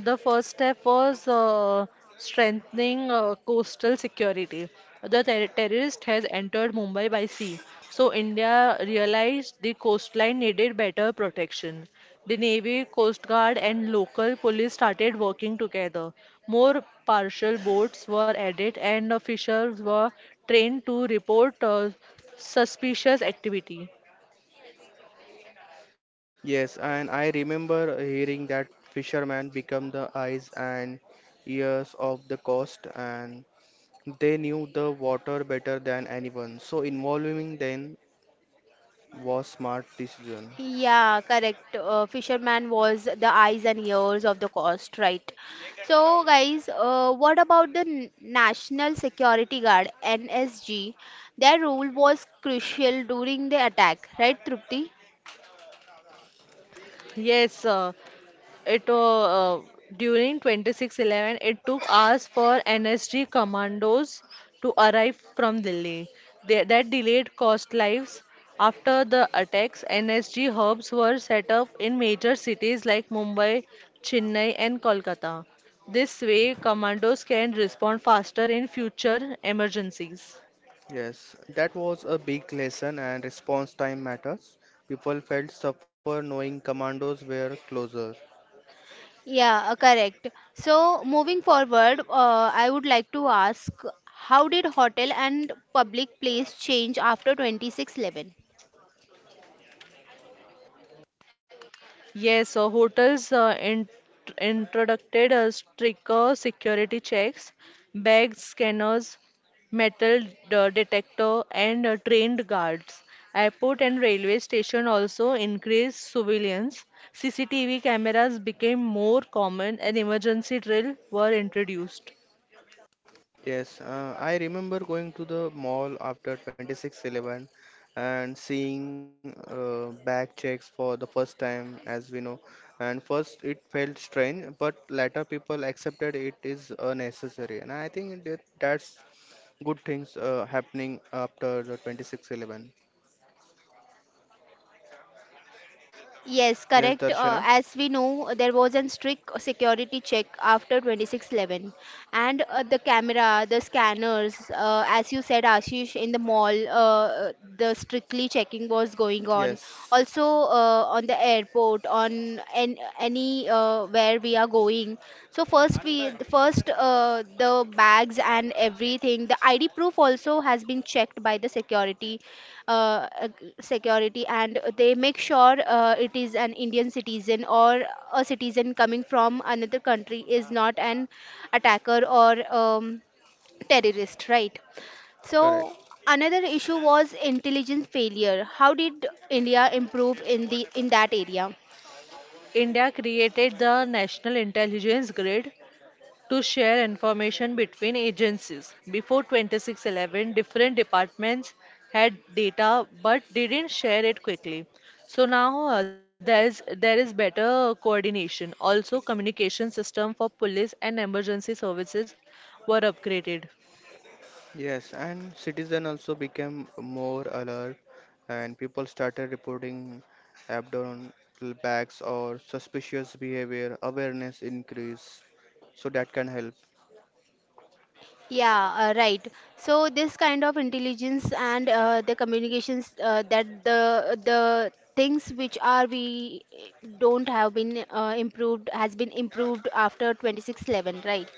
Speaker 2: The first step was strengthening coastal security. The terrorist has entered Mumbai by sea, so India realized the coastline needed better protection. The Navy, Coast Guard, and local police started working together. More partial boats were added, and officials were trained to report suspicious activity.
Speaker 3: Yes, and I remember hearing that fishermen become the eyes and ears of the coast, and they knew the water better than anyone. So involving them was smart decision.
Speaker 1: Yeah, correct. Fisherman was the eyes and ears of the coast, right? So, guys, what about the National Security Guard (NSG)? Their role was crucial during the attack, right, Trupti?
Speaker 2: Yes, It During 2611, it took hours for NSG commandos to arrive from Delhi. That delayed cost lives. After the attacks, NSG hubs were set up in major cities like Mumbai, Chennai, and Kolkata. This way, commandos can respond faster in future emergencies.
Speaker 3: Yes, that was a big lesson, and response time matters. People felt suffer knowing commandos were closer.
Speaker 1: Yeah, correct. So, moving forward, I would like to ask, how did hotel and public place change after 26/11?
Speaker 2: Yes, hotels introduced stricter security checks, bag scanners, metal detector, and trained guards. Airport and railway station also increased surveillance. CCTV cameras became more common, and emergency drill were introduced.
Speaker 3: Yes, I remember going to the mall after 26/11 and seeing bag checks for the first time, as we know. And first, it felt strange, but later people accepted it is necessary. And I think that that's good things happening after the 26/11.
Speaker 1: Yes,
Speaker 3: Yes,
Speaker 1: correct.
Speaker 3: Darshana.
Speaker 1: As we know, there was a strict security check after 26/11, and the camera, the scanners, as you said, Ashish, in the mall, the strictly
Speaker 3: Yes,
Speaker 1: checking was going on. Also, on the airport, on any where we are going. So first the bags and everything. The ID proof also has been checked by the security uh, uh, and they make sure it is an Indian citizen or a citizen coming from another country is not an attacker or um, terrorist, right? So
Speaker 3: correct.
Speaker 1: another issue was intelligence failure. How did India improve in the in that area?
Speaker 2: India created the National Intelligence Grid, to share information between agencies. Before 2611, different departments had data but didn't share it quickly. So now there is better coordination. Also, communication system for police and emergency services were upgraded.
Speaker 3: Yes, and citizen also became more alert, and people started reporting abdominal bags or suspicious behavior. Awareness increase, so that can help.
Speaker 1: Yeah, right. So this kind of intelligence and the communications that the things which are we don't have been improved has been improved after 26/11, right?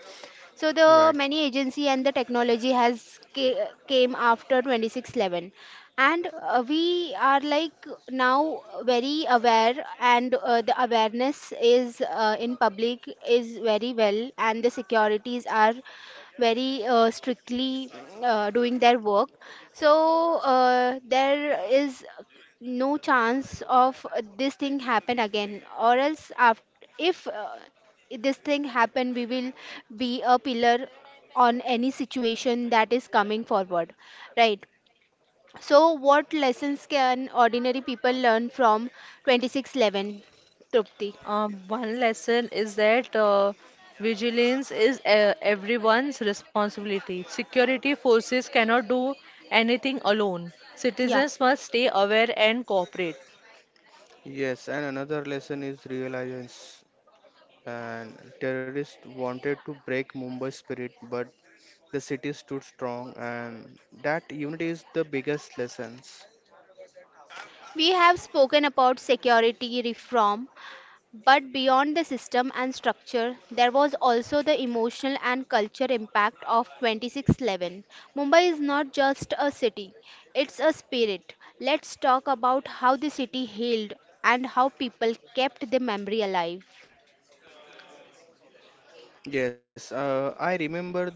Speaker 1: So the
Speaker 3: Right.
Speaker 1: many agency and the technology has came after 26/11, and we are like now very aware, and the awareness is in public is very well, and the securities are very strictly doing their work, so there is no chance of this thing happen again, or else after, if uh, if this thing happen, we will be a pillar on any situation that is coming forward, right? So what lessons can ordinary people learn from 26/11, Trupti?
Speaker 2: One lesson is that vigilance is everyone's responsibility. Security forces cannot do anything alone.
Speaker 1: Yeah.
Speaker 2: Citizens must stay aware and cooperate.
Speaker 3: Yes, and another lesson is realizance. And terrorists wanted to break Mumbai spirit, but the city stood strong, and that unity is the biggest lessons.
Speaker 1: We have spoken about security reform. But beyond the system and structure, there was also the emotional and culture impact of 26/11. Mumbai is not just a city, it's a spirit. Let's talk about how the city healed and how people kept the memory alive.
Speaker 3: Yes, I remember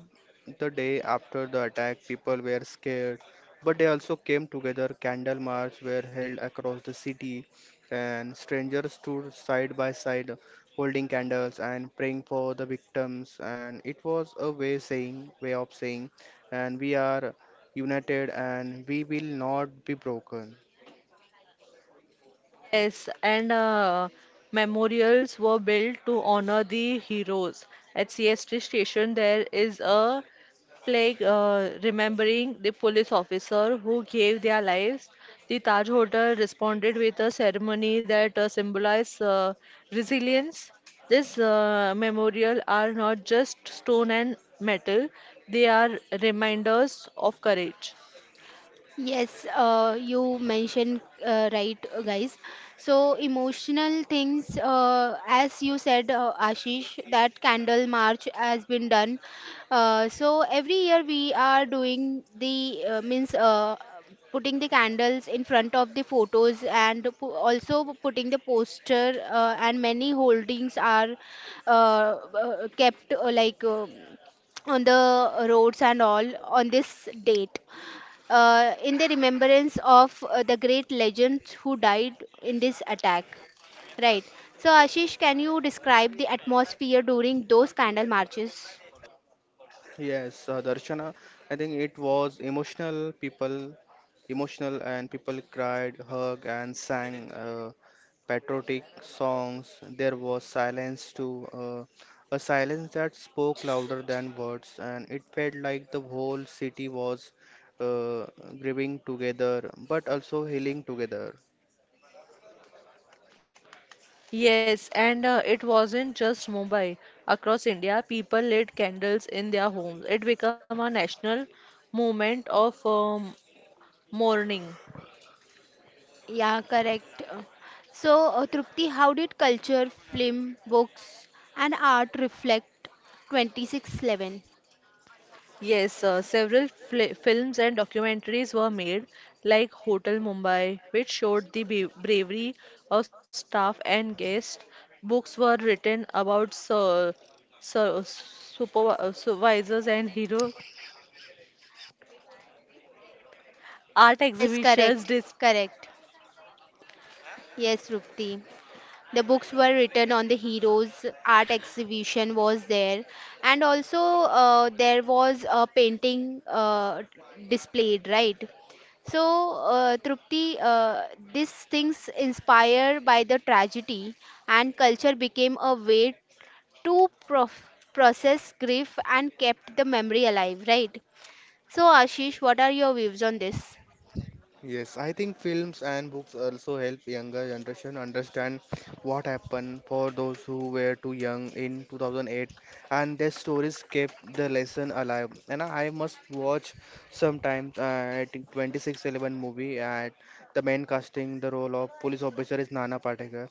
Speaker 3: the day after the attack, people were scared, but they also came together. Candle march were held across the city, and strangers stood side by side, holding candles and praying for the victims. And it was a way of saying, and we are united, and we will not be broken.
Speaker 2: Yes, and memorials were built to honor the heroes. At CST station, there is a plaque remembering the police officer who gave their lives. The Taj Hotel responded with a ceremony that symbolized resilience. This memorial are not just stone and metal; they are reminders of courage.
Speaker 1: Yes, you mentioned right, guys. So emotional things, as you said, Ashish, that candle march has been done. So every year we are doing the means putting the candles in front of the photos and also putting the poster and many holdings are kept like on the roads and all on this date in the remembrance of the great legends who died in this attack. Right. So, Ashish, can you describe the atmosphere during those candle marches?
Speaker 3: Yes, Darshana, I think it was emotional. People cried, hugged, and sang patriotic songs. There was silence too, a silence that spoke louder than words, and it felt like the whole city was uh, grieving together, but also healing together.
Speaker 2: Yes, and it wasn't just Mumbai. Across India, people lit candles in their homes. It became a national movement of mourning.
Speaker 1: Yeah, correct. So, Trupti, how did culture, film, books, and art reflect 26/11?
Speaker 2: Yes, several fli films and documentaries were made, like Hotel Mumbai, which showed the bravery of staff and guests. Books were written about supervisors and heroes. Art
Speaker 1: Yes,
Speaker 2: exhibitions
Speaker 1: correct.
Speaker 2: dis.
Speaker 1: Correct. Yes, Trupti. The books were written on the heroes. Art exhibition was there, and also there was a painting displayed, right? So, Trupti, these things inspired by the tragedy and culture became a way to process grief and kept the memory alive, right? So, Ashish, what are your views on this?
Speaker 3: Yes, I think films and books also help younger generation understand what happened for those who were too young in 2008, and their stories kept the lesson alive. And I must watch sometimes, I think 2611 movie at the main casting the role of police officer is Nana Patekar.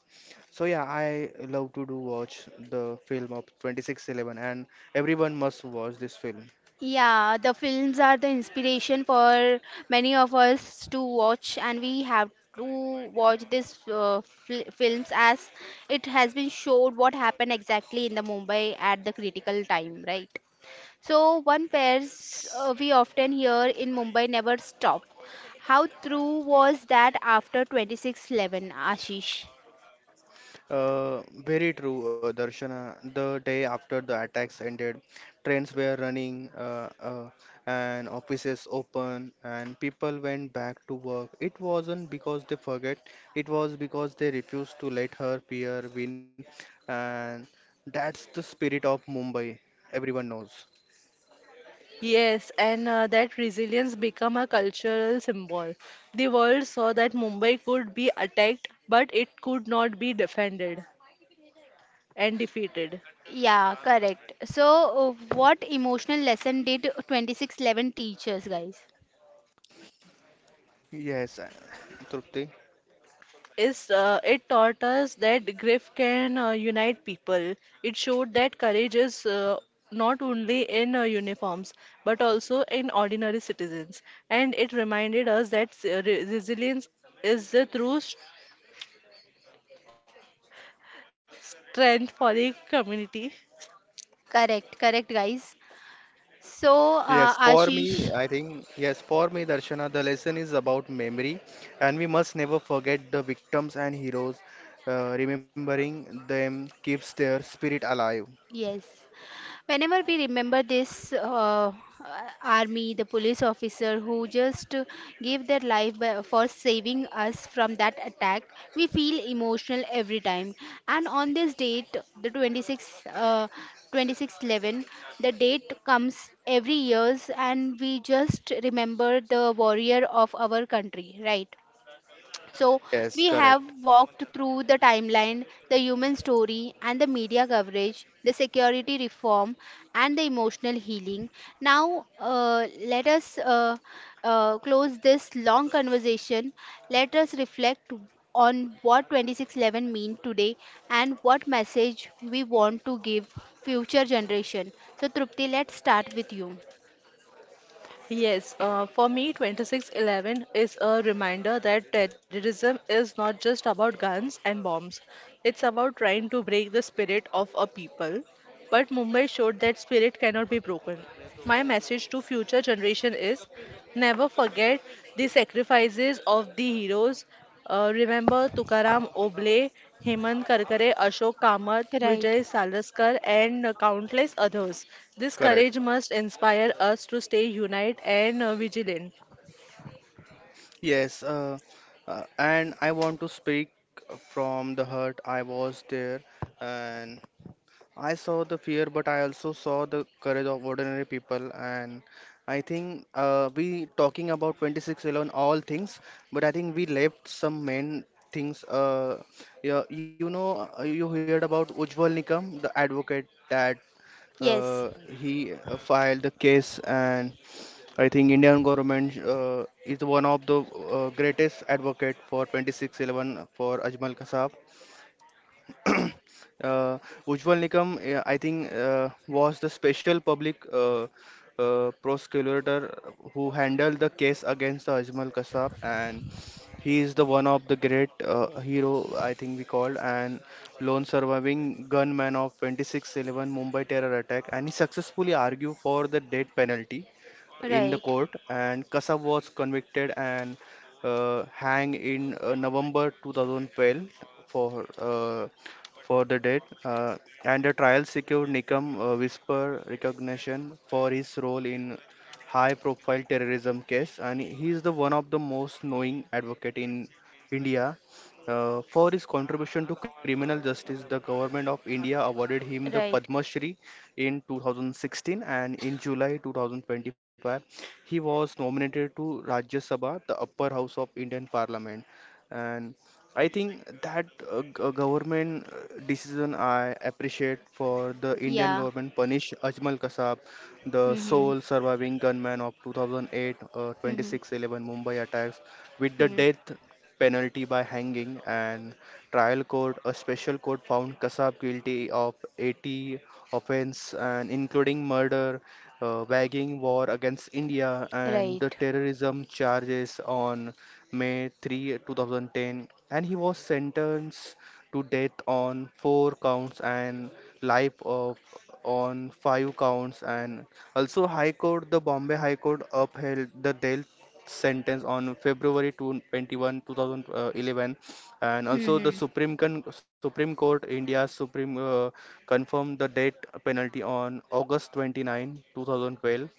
Speaker 3: So yeah, I love to do watch the film of 2611, and everyone must watch this film.
Speaker 1: Yeah, the films are the inspiration for many of us to watch, and we have to watch these films as it has been showed what happened exactly in the Mumbai at the critical time, right? So one pairs we often hear in Mumbai never stop. How true was that after 26/11, Ashish?
Speaker 3: Very true, Darshana. The day after the attacks ended, trains were running, and offices open, and people went back to work. It wasn't because they forget; it was because they refused to let her fear win, and that's the spirit of Mumbai. Everyone knows.
Speaker 2: Yes, and that resilience became a cultural symbol. The world saw that Mumbai could be attacked, but it could not be defended and defeated.
Speaker 1: Yeah, correct. So what emotional lesson did 26/11 teach us, guys?
Speaker 3: Yes, Trupti.
Speaker 2: It taught us that grief can unite people. It showed that courage is not only in uniforms, but also in ordinary citizens. And it reminded us that resilience is the strength for the community.
Speaker 1: Correct, correct, guys. So, Ashish,
Speaker 3: Yes, for me, Darshana, the lesson is about memory, and we must never forget the victims and heroes. Remembering them keeps their spirit alive.
Speaker 1: yes. Whenever we remember this army, the police officer who just gave their life by, for saving us from that attack, we feel emotional every time. And on this date, the 26th, 26/11, the date comes every years, and we just remember the warrior of our country, right? So, we
Speaker 3: Yes,
Speaker 1: have
Speaker 3: correct,
Speaker 1: walked through the timeline, the human story, and the media coverage, the security reform, and the emotional healing. Now, let us close this long conversation. Let us reflect on what 26/11 mean today and what message we want to give future generation. So, Trupti, let's start with you.
Speaker 2: Yes, for me, 2611 is a reminder that terrorism is not just about guns and bombs. It's about trying to break the spirit of a people. But Mumbai showed that spirit cannot be broken. My message to future generation is never forget the sacrifices of the heroes. Remember Tukaram Oble, Hemant Karkare, Ashok Kamath,
Speaker 1: Right.
Speaker 2: Vijay Salaskar, and countless others. This
Speaker 3: correct.
Speaker 2: courage must inspire us to stay united and vigilant.
Speaker 3: Yes, and I want to speak from the hurt. I was there, and I saw the fear, but I also saw the courage of ordinary people. And I think we talking about 2611 all things, but I think we left some main things. Yeah, you know, you heard about Ujjwal Nikam, the advocate that
Speaker 1: Yes.
Speaker 3: he filed the case, and I think Indian government is one of the greatest advocate for 2611 for Ajmal Kasab. uh, Ujjwal Nikam, I think, was the special public prosecutor who handled the case against the Ajmal Kasab, and he is the one of the great hero, I think we called, and lone surviving gunman of 26/11 Mumbai terror attack, and he successfully argued for the death penalty in the
Speaker 1: Right,
Speaker 3: court, and Kasab was convicted and hanged in November 2012 for uh, for the Dead, and the trial secured Nikam Whisper recognition for his role in high-profile terrorism case, and he is the one of the most knowing advocate in India. For his contribution to criminal justice, the government of India awarded him the Padma
Speaker 1: right.
Speaker 3: Shri in 2016, and in July 2025, he was nominated to Rajya Sabha, the upper house of Indian Parliament. And I think that government decision I appreciate for the Indian
Speaker 1: Yeah.
Speaker 3: government punish Ajmal Kasab, the
Speaker 1: Hmm.
Speaker 3: sole surviving gunman of 2008,
Speaker 1: Hmm.
Speaker 3: 26/11 Mumbai attacks, with the
Speaker 1: Hmm.
Speaker 3: death penalty by hanging and trial court. A special court found Kasab guilty of 80 offense and including murder, waging war against India, and the
Speaker 1: Right.
Speaker 3: terrorism charges on May 3, 2010, and he was sentenced to death on four counts and life of on five counts. And also, High Court, the Bombay High Court upheld the death sentence on February 21, 2011, and also the
Speaker 1: Hmm.
Speaker 3: Supreme Court, India's Supreme, confirmed the death penalty on August 29, 2012,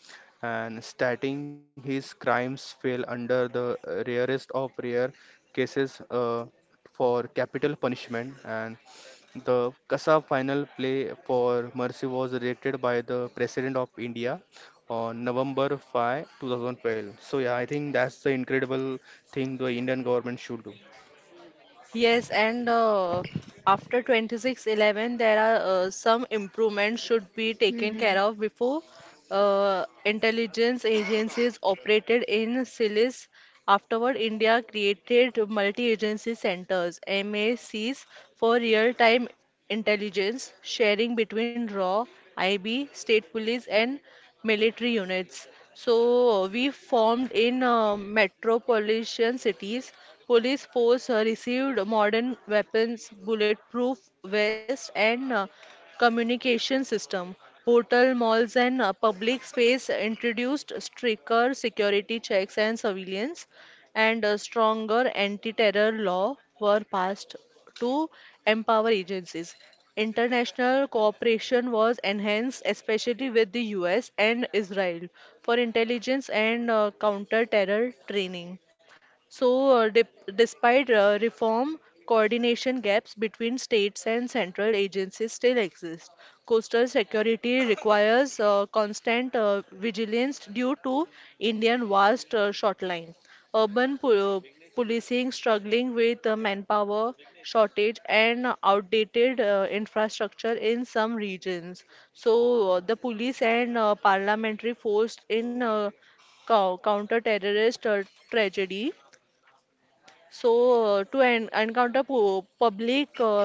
Speaker 3: and stating his crimes fell under the rarest of rare cases for capital punishment, and the Kasa final play for Mercy was directed by the President of India on November 5, 2012. So yeah, I think that's the incredible thing the Indian government should do.
Speaker 2: Yes, and after 26/11, there are some improvements should be taken
Speaker 1: Hmm.
Speaker 2: care of before intelligence agencies operated in Silis. Afterward, India created multi-agency centers (MACs) for real-time intelligence sharing between RAW, IB, state police, and military units. So we formed in metropolitan cities. Police force received modern weapons, bulletproof vests, and communication system. Hotel, malls, and public space introduced stricter security checks and surveillance, and a stronger anti-terror law were passed to empower agencies. International cooperation was enhanced, especially with the US and Israel, for intelligence and counter terror training. So, dip despite reform, coordination gaps between states and central agencies still exist. Coastal security requires constant vigilance due to India's vast shoreline. Urban policing struggling with manpower shortage and outdated infrastructure in some regions. So, the police and parliamentary force in counter terrorist tragedy, so, to en encounter pu public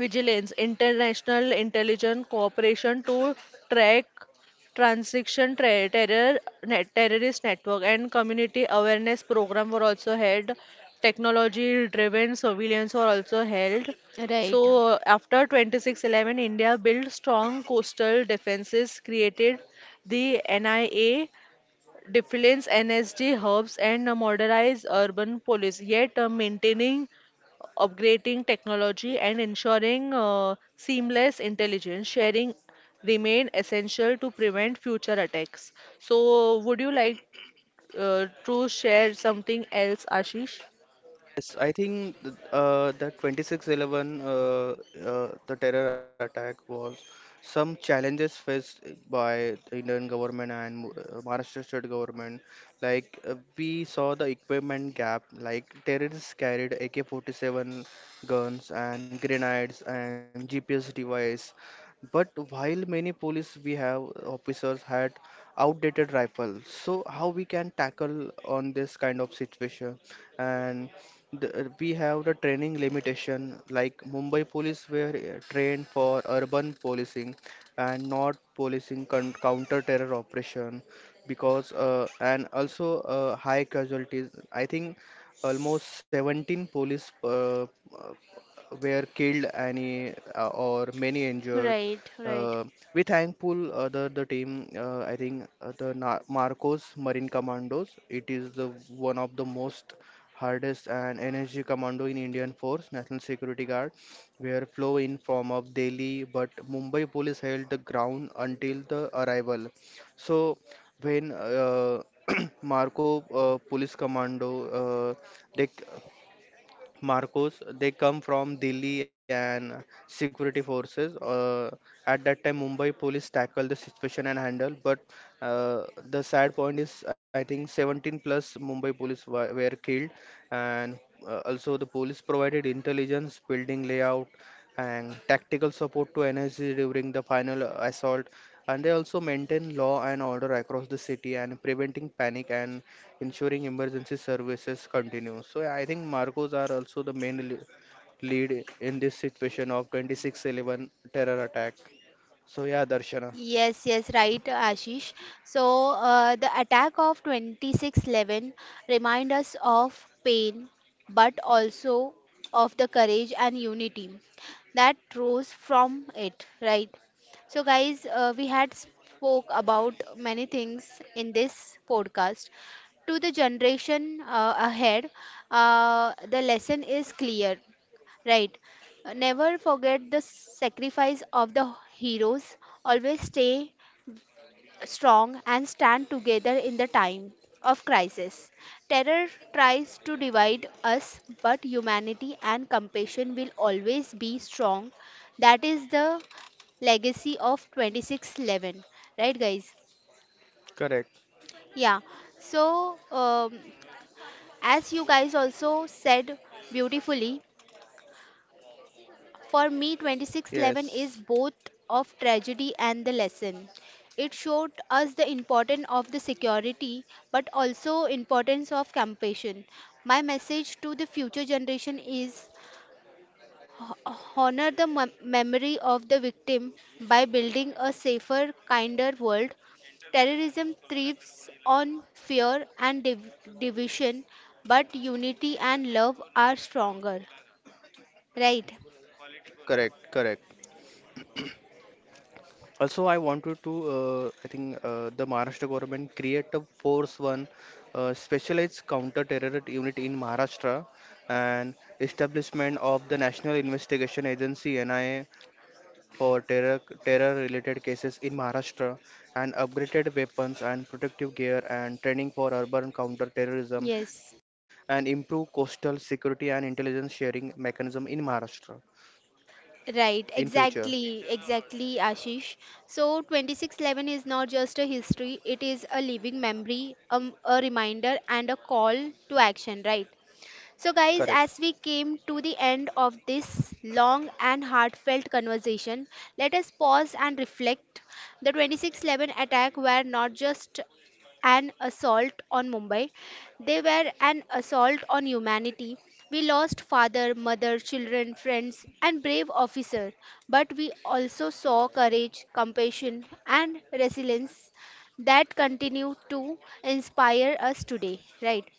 Speaker 2: vigilance, international intelligence cooperation to track transaction tra terror net terrorist network and community awareness program were also held. Technology-driven surveillance were also held. So,
Speaker 1: Right.
Speaker 2: after 2611, India built strong coastal defenses, created the NIA defines NSG hubs and modernize urban police, yet maintaining upgrading technology and ensuring seamless intelligence sharing remain essential to prevent future attacks. So, would you like to share something else, Ashish?
Speaker 3: Yes, I think the 26/11, the terror attack was some challenges faced by the Indian government and Maharashtra state government. Like we saw the equipment gap, like terrorists carried AK-47 guns and grenades and GPS device. But while many police we have officers had outdated rifles, so how we can tackle on this kind of situation? And the, we have the training limitation, like mumbai police were trained for urban policing and not policing counter terror operation because and also high casualties, I think almost 17 police were killed any or many injured.
Speaker 1: Right. Right.
Speaker 3: uh, we thankful the team. I think the Na Marcos Marine Commandos. It is the one of the most hardest and energy commando in Indian Force, National Security Guard, were flow in from of Delhi, but Mumbai police held the ground until the arrival. So when *clears throat* Marco Police Commando, they Marcos, they come from Delhi and security forces. At that time, Mumbai police tackle the situation and handle. But uh, the sad point is, I think 17 plus Mumbai police were killed, and also the police provided intelligence, building layout, and tactical support to NSG during the final assault. And they also maintain law and order across the city and preventing panic and ensuring emergency services continue. So yeah, I think Marcos are also the main lead in this situation of 26/11 terror attack. So yeah, Darshana.
Speaker 1: Yes, yes, right, Ashish. So, the attack of 26/11 remind us of pain, but also of the courage and unity that rose from it, right? So, guys, we had spoke about many things in this podcast. To the generation ahead, the lesson is clear. Right. Never forget the sacrifice of the heroes. Always stay strong and stand together in the time of crisis. Terror tries to divide us, but humanity and compassion will always be strong. That is the legacy of 26/11. Right, guys?
Speaker 3: Correct.
Speaker 1: Yeah. So, as you guys also said beautifully, for me, 26/11 is
Speaker 3: Yes.
Speaker 1: both of tragedy and the lesson. It showed us the importance of the security, but also importance of compassion. My message to the future generation is honor the memory of the victim by building a safer, kinder world. Terrorism thrives on fear and division, but unity and love are stronger. Right?
Speaker 3: Correct. Correct. Also, I wanted to, I think the Maharashtra government create a force one, specialized counter-terror unit in Maharashtra, and establishment of the National Investigation Agency NIA for terror-related cases in Maharashtra, and upgraded weapons and protective gear and training for urban
Speaker 1: Yes.
Speaker 3: counter-terrorism, and improve coastal security and intelligence sharing mechanism in Maharashtra
Speaker 1: Right,
Speaker 3: in future.
Speaker 1: exactly, exactly, Ashish. So, 26/11 is not just a history, it is a living memory, a reminder, and a call to action, right? So, guys, as we
Speaker 3: Correct.
Speaker 1: came to the end of this long and heartfelt conversation, let us pause and reflect. The 26/11 attack were not just an assault on Mumbai, they were an assault on humanity. We lost father, mother, children, friends, and brave officer, but we also saw courage, compassion, and resilience that continue to inspire us today, right?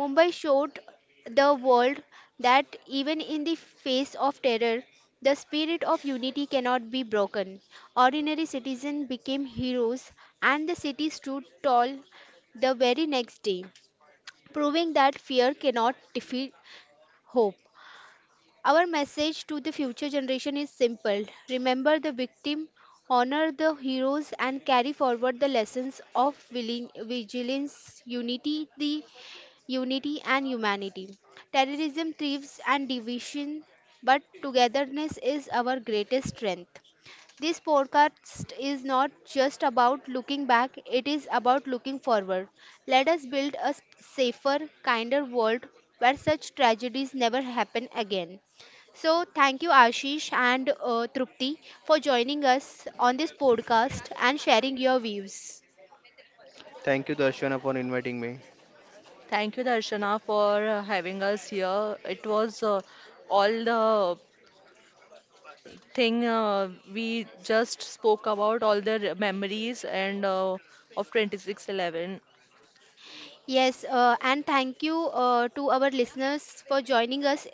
Speaker 1: Mumbai showed the world that even in the face of terror, the spirit of unity cannot be broken. Ordinary citizens became heroes, and the city stood tall the very next day, proving that fear cannot defeat hope. Our message to the future generation is simple: remember the victim, honor the heroes, and carry forward the lessons of vigilance, unity, and humanity. Terrorism thrives and division, but togetherness is our greatest strength. This podcast is not just about looking back, it is about looking forward. Let us build a safer, kinder world where such tragedies never happen again. So, thank you, Ashish and Trupti, for joining us on this podcast and sharing your views.
Speaker 3: Thank you, Darshana, for inviting me.
Speaker 2: Thank you, Darshana, for having us here. It was all the thing we just spoke about all the memories and of 2611.
Speaker 1: Yes, and thank you to our listeners for joining us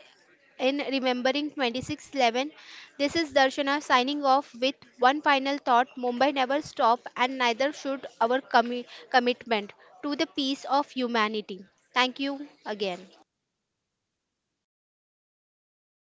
Speaker 1: in Remembering 26/11. This is Darshana signing off with one final thought: Mumbai never stop, and neither should our commitment to the peace of humanity. Thank you again.